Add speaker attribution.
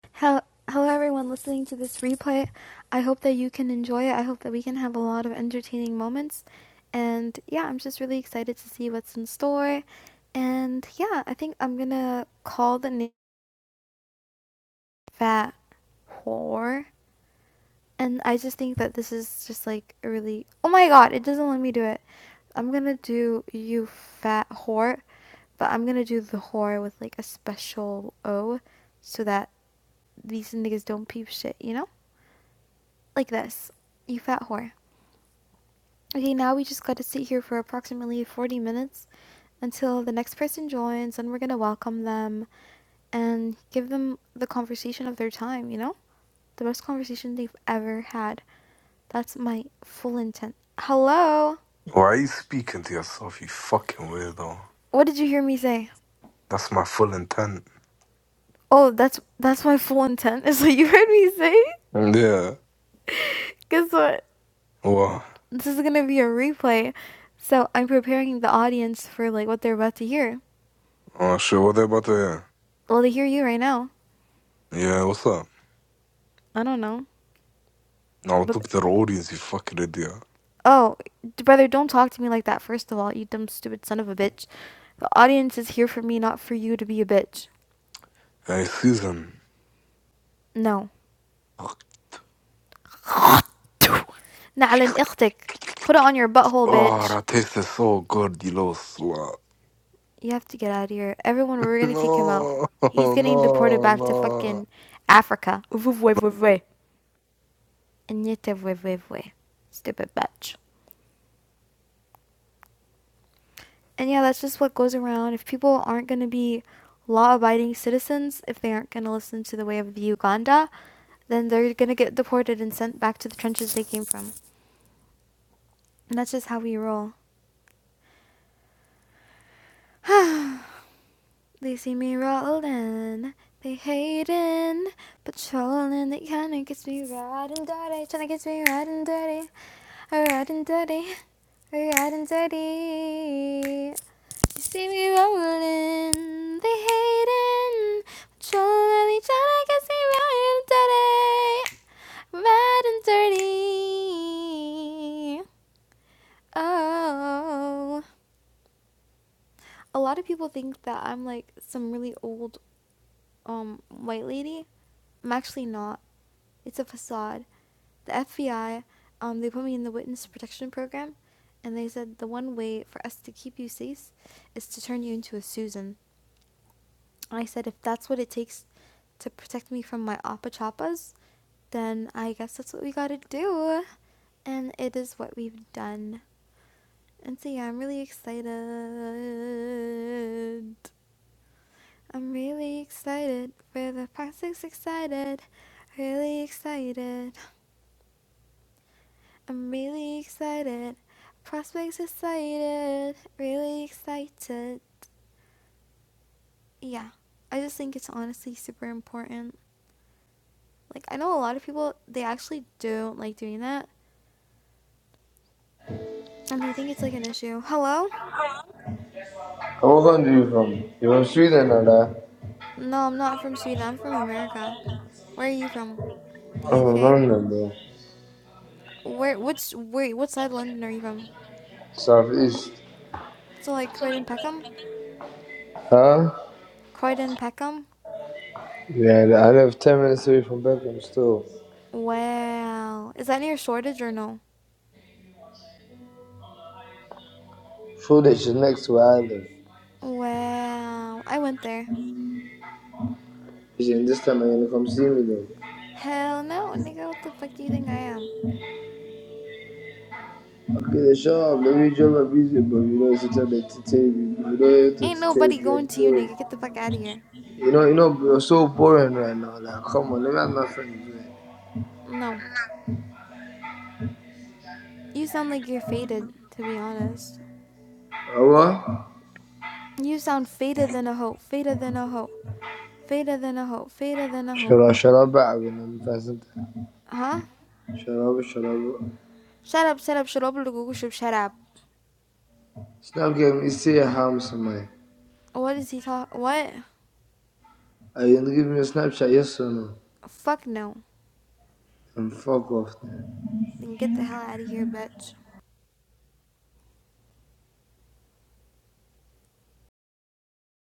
Speaker 1: Hello, hello everyone listening to this replay. I hope that you can enjoy it. I hope that we can have a lot of entertaining moments. And yeah, I'm just really excited to see what's in store. And yeah, I think I'm gonna call the name Fat Whore. And I just think that this is just like a really. Oh my god, it doesn't let me do it. I'm gonna do you fat whore, but I'm gonna do the whore with like a special O so that these niggas don't peep shit, you know? Like this. You fat whore. Okay, now we just gotta sit here for approximately 40 minutes until the next person joins, and we're gonna welcome them and give them the conversation of their time, you know? The best conversation they've ever had. That's my full intent. Hello?
Speaker 2: Why are you speaking to yourself, you fucking weirdo?
Speaker 1: What did you hear me say?
Speaker 2: That's my full intent.
Speaker 1: Oh, that's that's my full intent. Is what you heard me say?
Speaker 2: Yeah.
Speaker 1: Guess what?
Speaker 2: Well,
Speaker 1: This is gonna be a replay. So I'm preparing the audience for like what they're about to hear.
Speaker 2: oh shit, what they about to
Speaker 1: Well they hear you right now.
Speaker 2: hear? Yeah, what's up?
Speaker 1: I don't know.
Speaker 2: Now look to
Speaker 1: But
Speaker 2: the audience, you fucking idiot.
Speaker 1: oh, brother, don't talk to me like that. First of all, you dumb stupid son of a bitch. The audience is here for me, not for you to be a bitch.
Speaker 2: Hey, Susan.
Speaker 1: No. نعلن اختك. Put it on your butthole,
Speaker 2: Oh,
Speaker 1: bitch.
Speaker 2: that tasted so good, you little slut.
Speaker 1: You have to get out of here. Everyone, we're gonna kick him out.
Speaker 2: No,
Speaker 1: He's getting deported
Speaker 2: no,
Speaker 1: back to
Speaker 2: no.
Speaker 1: fucking Africa. Uvuvwe. Nyetevwevwe. Stupid bitch. And yeah, that's just what goes around. If people aren't going to be law abiding citizens, if they aren't going to listen to the way of Uganda, then they're going to get deported and sent back to the trenches they came from. And that's just how we roll. They see me rollin', they hating, patrolling, they kinda gets me riding dirty, tryna gets me riding dirty, riding dirty, riding dirty. You see me rolling, they hating, trolling each other. Can see me out dirty, red and dirty. Oh, a lot of people think that I'm like some really old um white lady. I'm actually not. It's a facade. The FBI, um, they put me in the witness protection program, and they said the one way for us to keep you safe is to turn you into a Susan. I said, if that's what it takes to protect me from my Appa Chappas, then I guess that's what we gotta do. And it is what we've done. And so, yeah, I'm really excited. I'm really excited. For the plastics excited. Really excited. I'm really excited. Prospects excited. Really excited. Yeah. I just think it's honestly super important Like I know a lot of people they actually do not like doing that and they think it's like an issue. Hello?
Speaker 3: How old are you from? You're from Sweden, Ada.
Speaker 1: No, I'm not from Sweden. I'm from America. Where are you from?
Speaker 3: I'm
Speaker 1: The
Speaker 3: from
Speaker 1: UK?
Speaker 3: London, bro.
Speaker 1: Where Which? wait, what side of London are you from?
Speaker 3: Southeast.
Speaker 1: So like Croydon Peckham?
Speaker 3: Huh?
Speaker 1: Croydon Peckham?
Speaker 3: Yeah, I live 10 minutes away from Beckham still.
Speaker 1: Wow. Is that near Shoreditch or no?
Speaker 3: Shoreditch is next to where I live.
Speaker 1: Wow. I went there.
Speaker 3: You this time I'm gonna come see me though.
Speaker 1: Hell no, nigga, what the fuck do you think I am?
Speaker 3: Okay, the shop, let me drop a busy, but you know, it's such an entertainment. You know, it's
Speaker 1: Ain't nobody
Speaker 3: entertainment. You're
Speaker 1: going to you,
Speaker 3: boring.
Speaker 1: nigga. Get the fuck out of here.
Speaker 3: You know, you know, you're so boring right now. Like, come on, let me have my friends, man.
Speaker 1: No. You sound like you're faded, to be honest.
Speaker 3: Uh, what?
Speaker 1: You sound fader than a hoe, fader than a hoe, fader than a hoe, fader than a
Speaker 3: Shut
Speaker 1: hoe.
Speaker 3: up, shut up, back when I'm gonna be present.
Speaker 1: Huh?
Speaker 3: Shut up, shut up.
Speaker 1: Shut up, shut up, shut up, shut up,
Speaker 3: It's not giving me see a harm somewhere.
Speaker 1: What is he talk? What?
Speaker 3: Are you gonna give me a Snapchat? Yes or no?
Speaker 1: Fuck no.
Speaker 3: And fuck off. then.
Speaker 1: Then get the hell out of here, bitch.